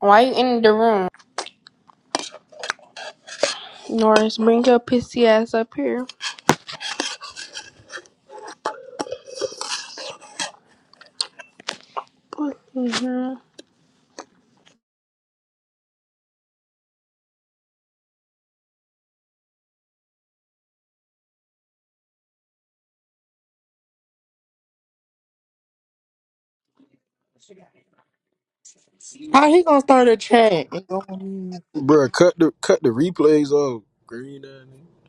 Why you in the room? Norris, bring your pissy ass up here. Fucking hell. How he gonna start a chat and go? Mm, Bro, cut the cut the replays off. Green down there.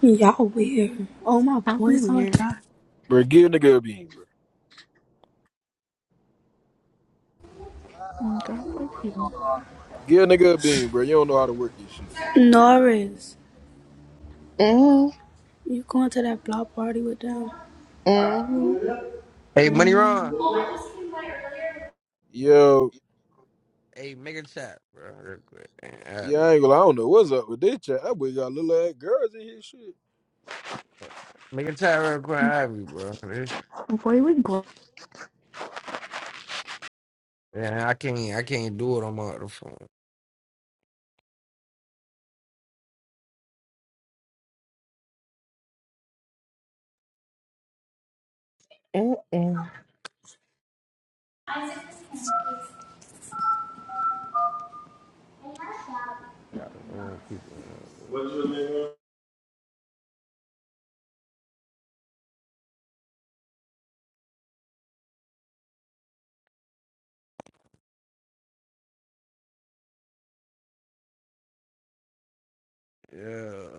Y'all weird. All my How boys on weird. God. Bro, give a nigga a bean, bro. Mm, Girl, fuck you. Give a nigga a bean, bro. You don't know how to work this shit, bro. Norris, mm, you going to that block party with them? mm, Hey, Money Ron. Yo, Hey, make a chat, bro, real quick. and add yeah, I me. ain't gonna. I don't know what's up with this chat. That boy got little ass girls in his shit. Make a chat real quick, and Mm, add me, bro. This- Boy, with glow. Yeah, I can't, I can't do it on my other phone. mm, mm. Got, uh, people, uh, bro. Yeah.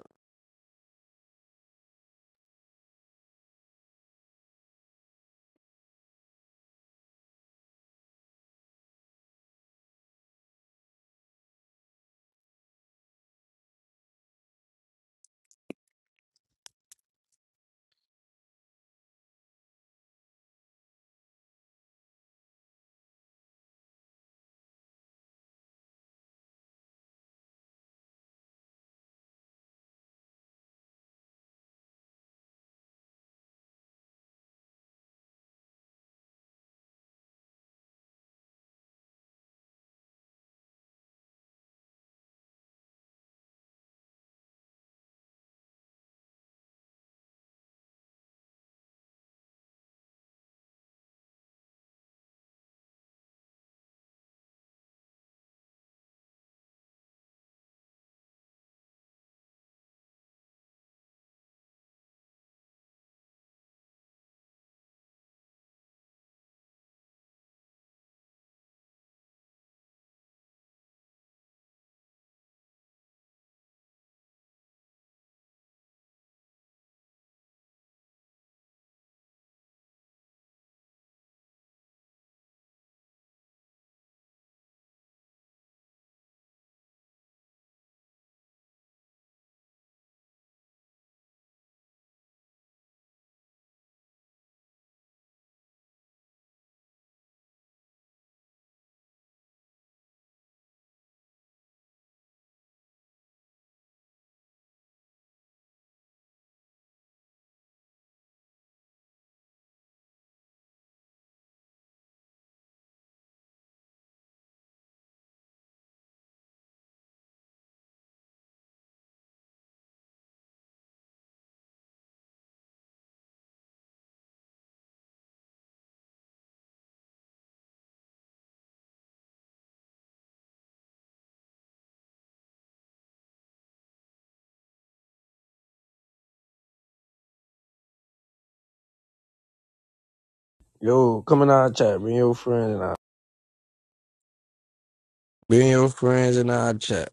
Yo, come in our chat. Bring your friends and I. Bring your friends in our chat.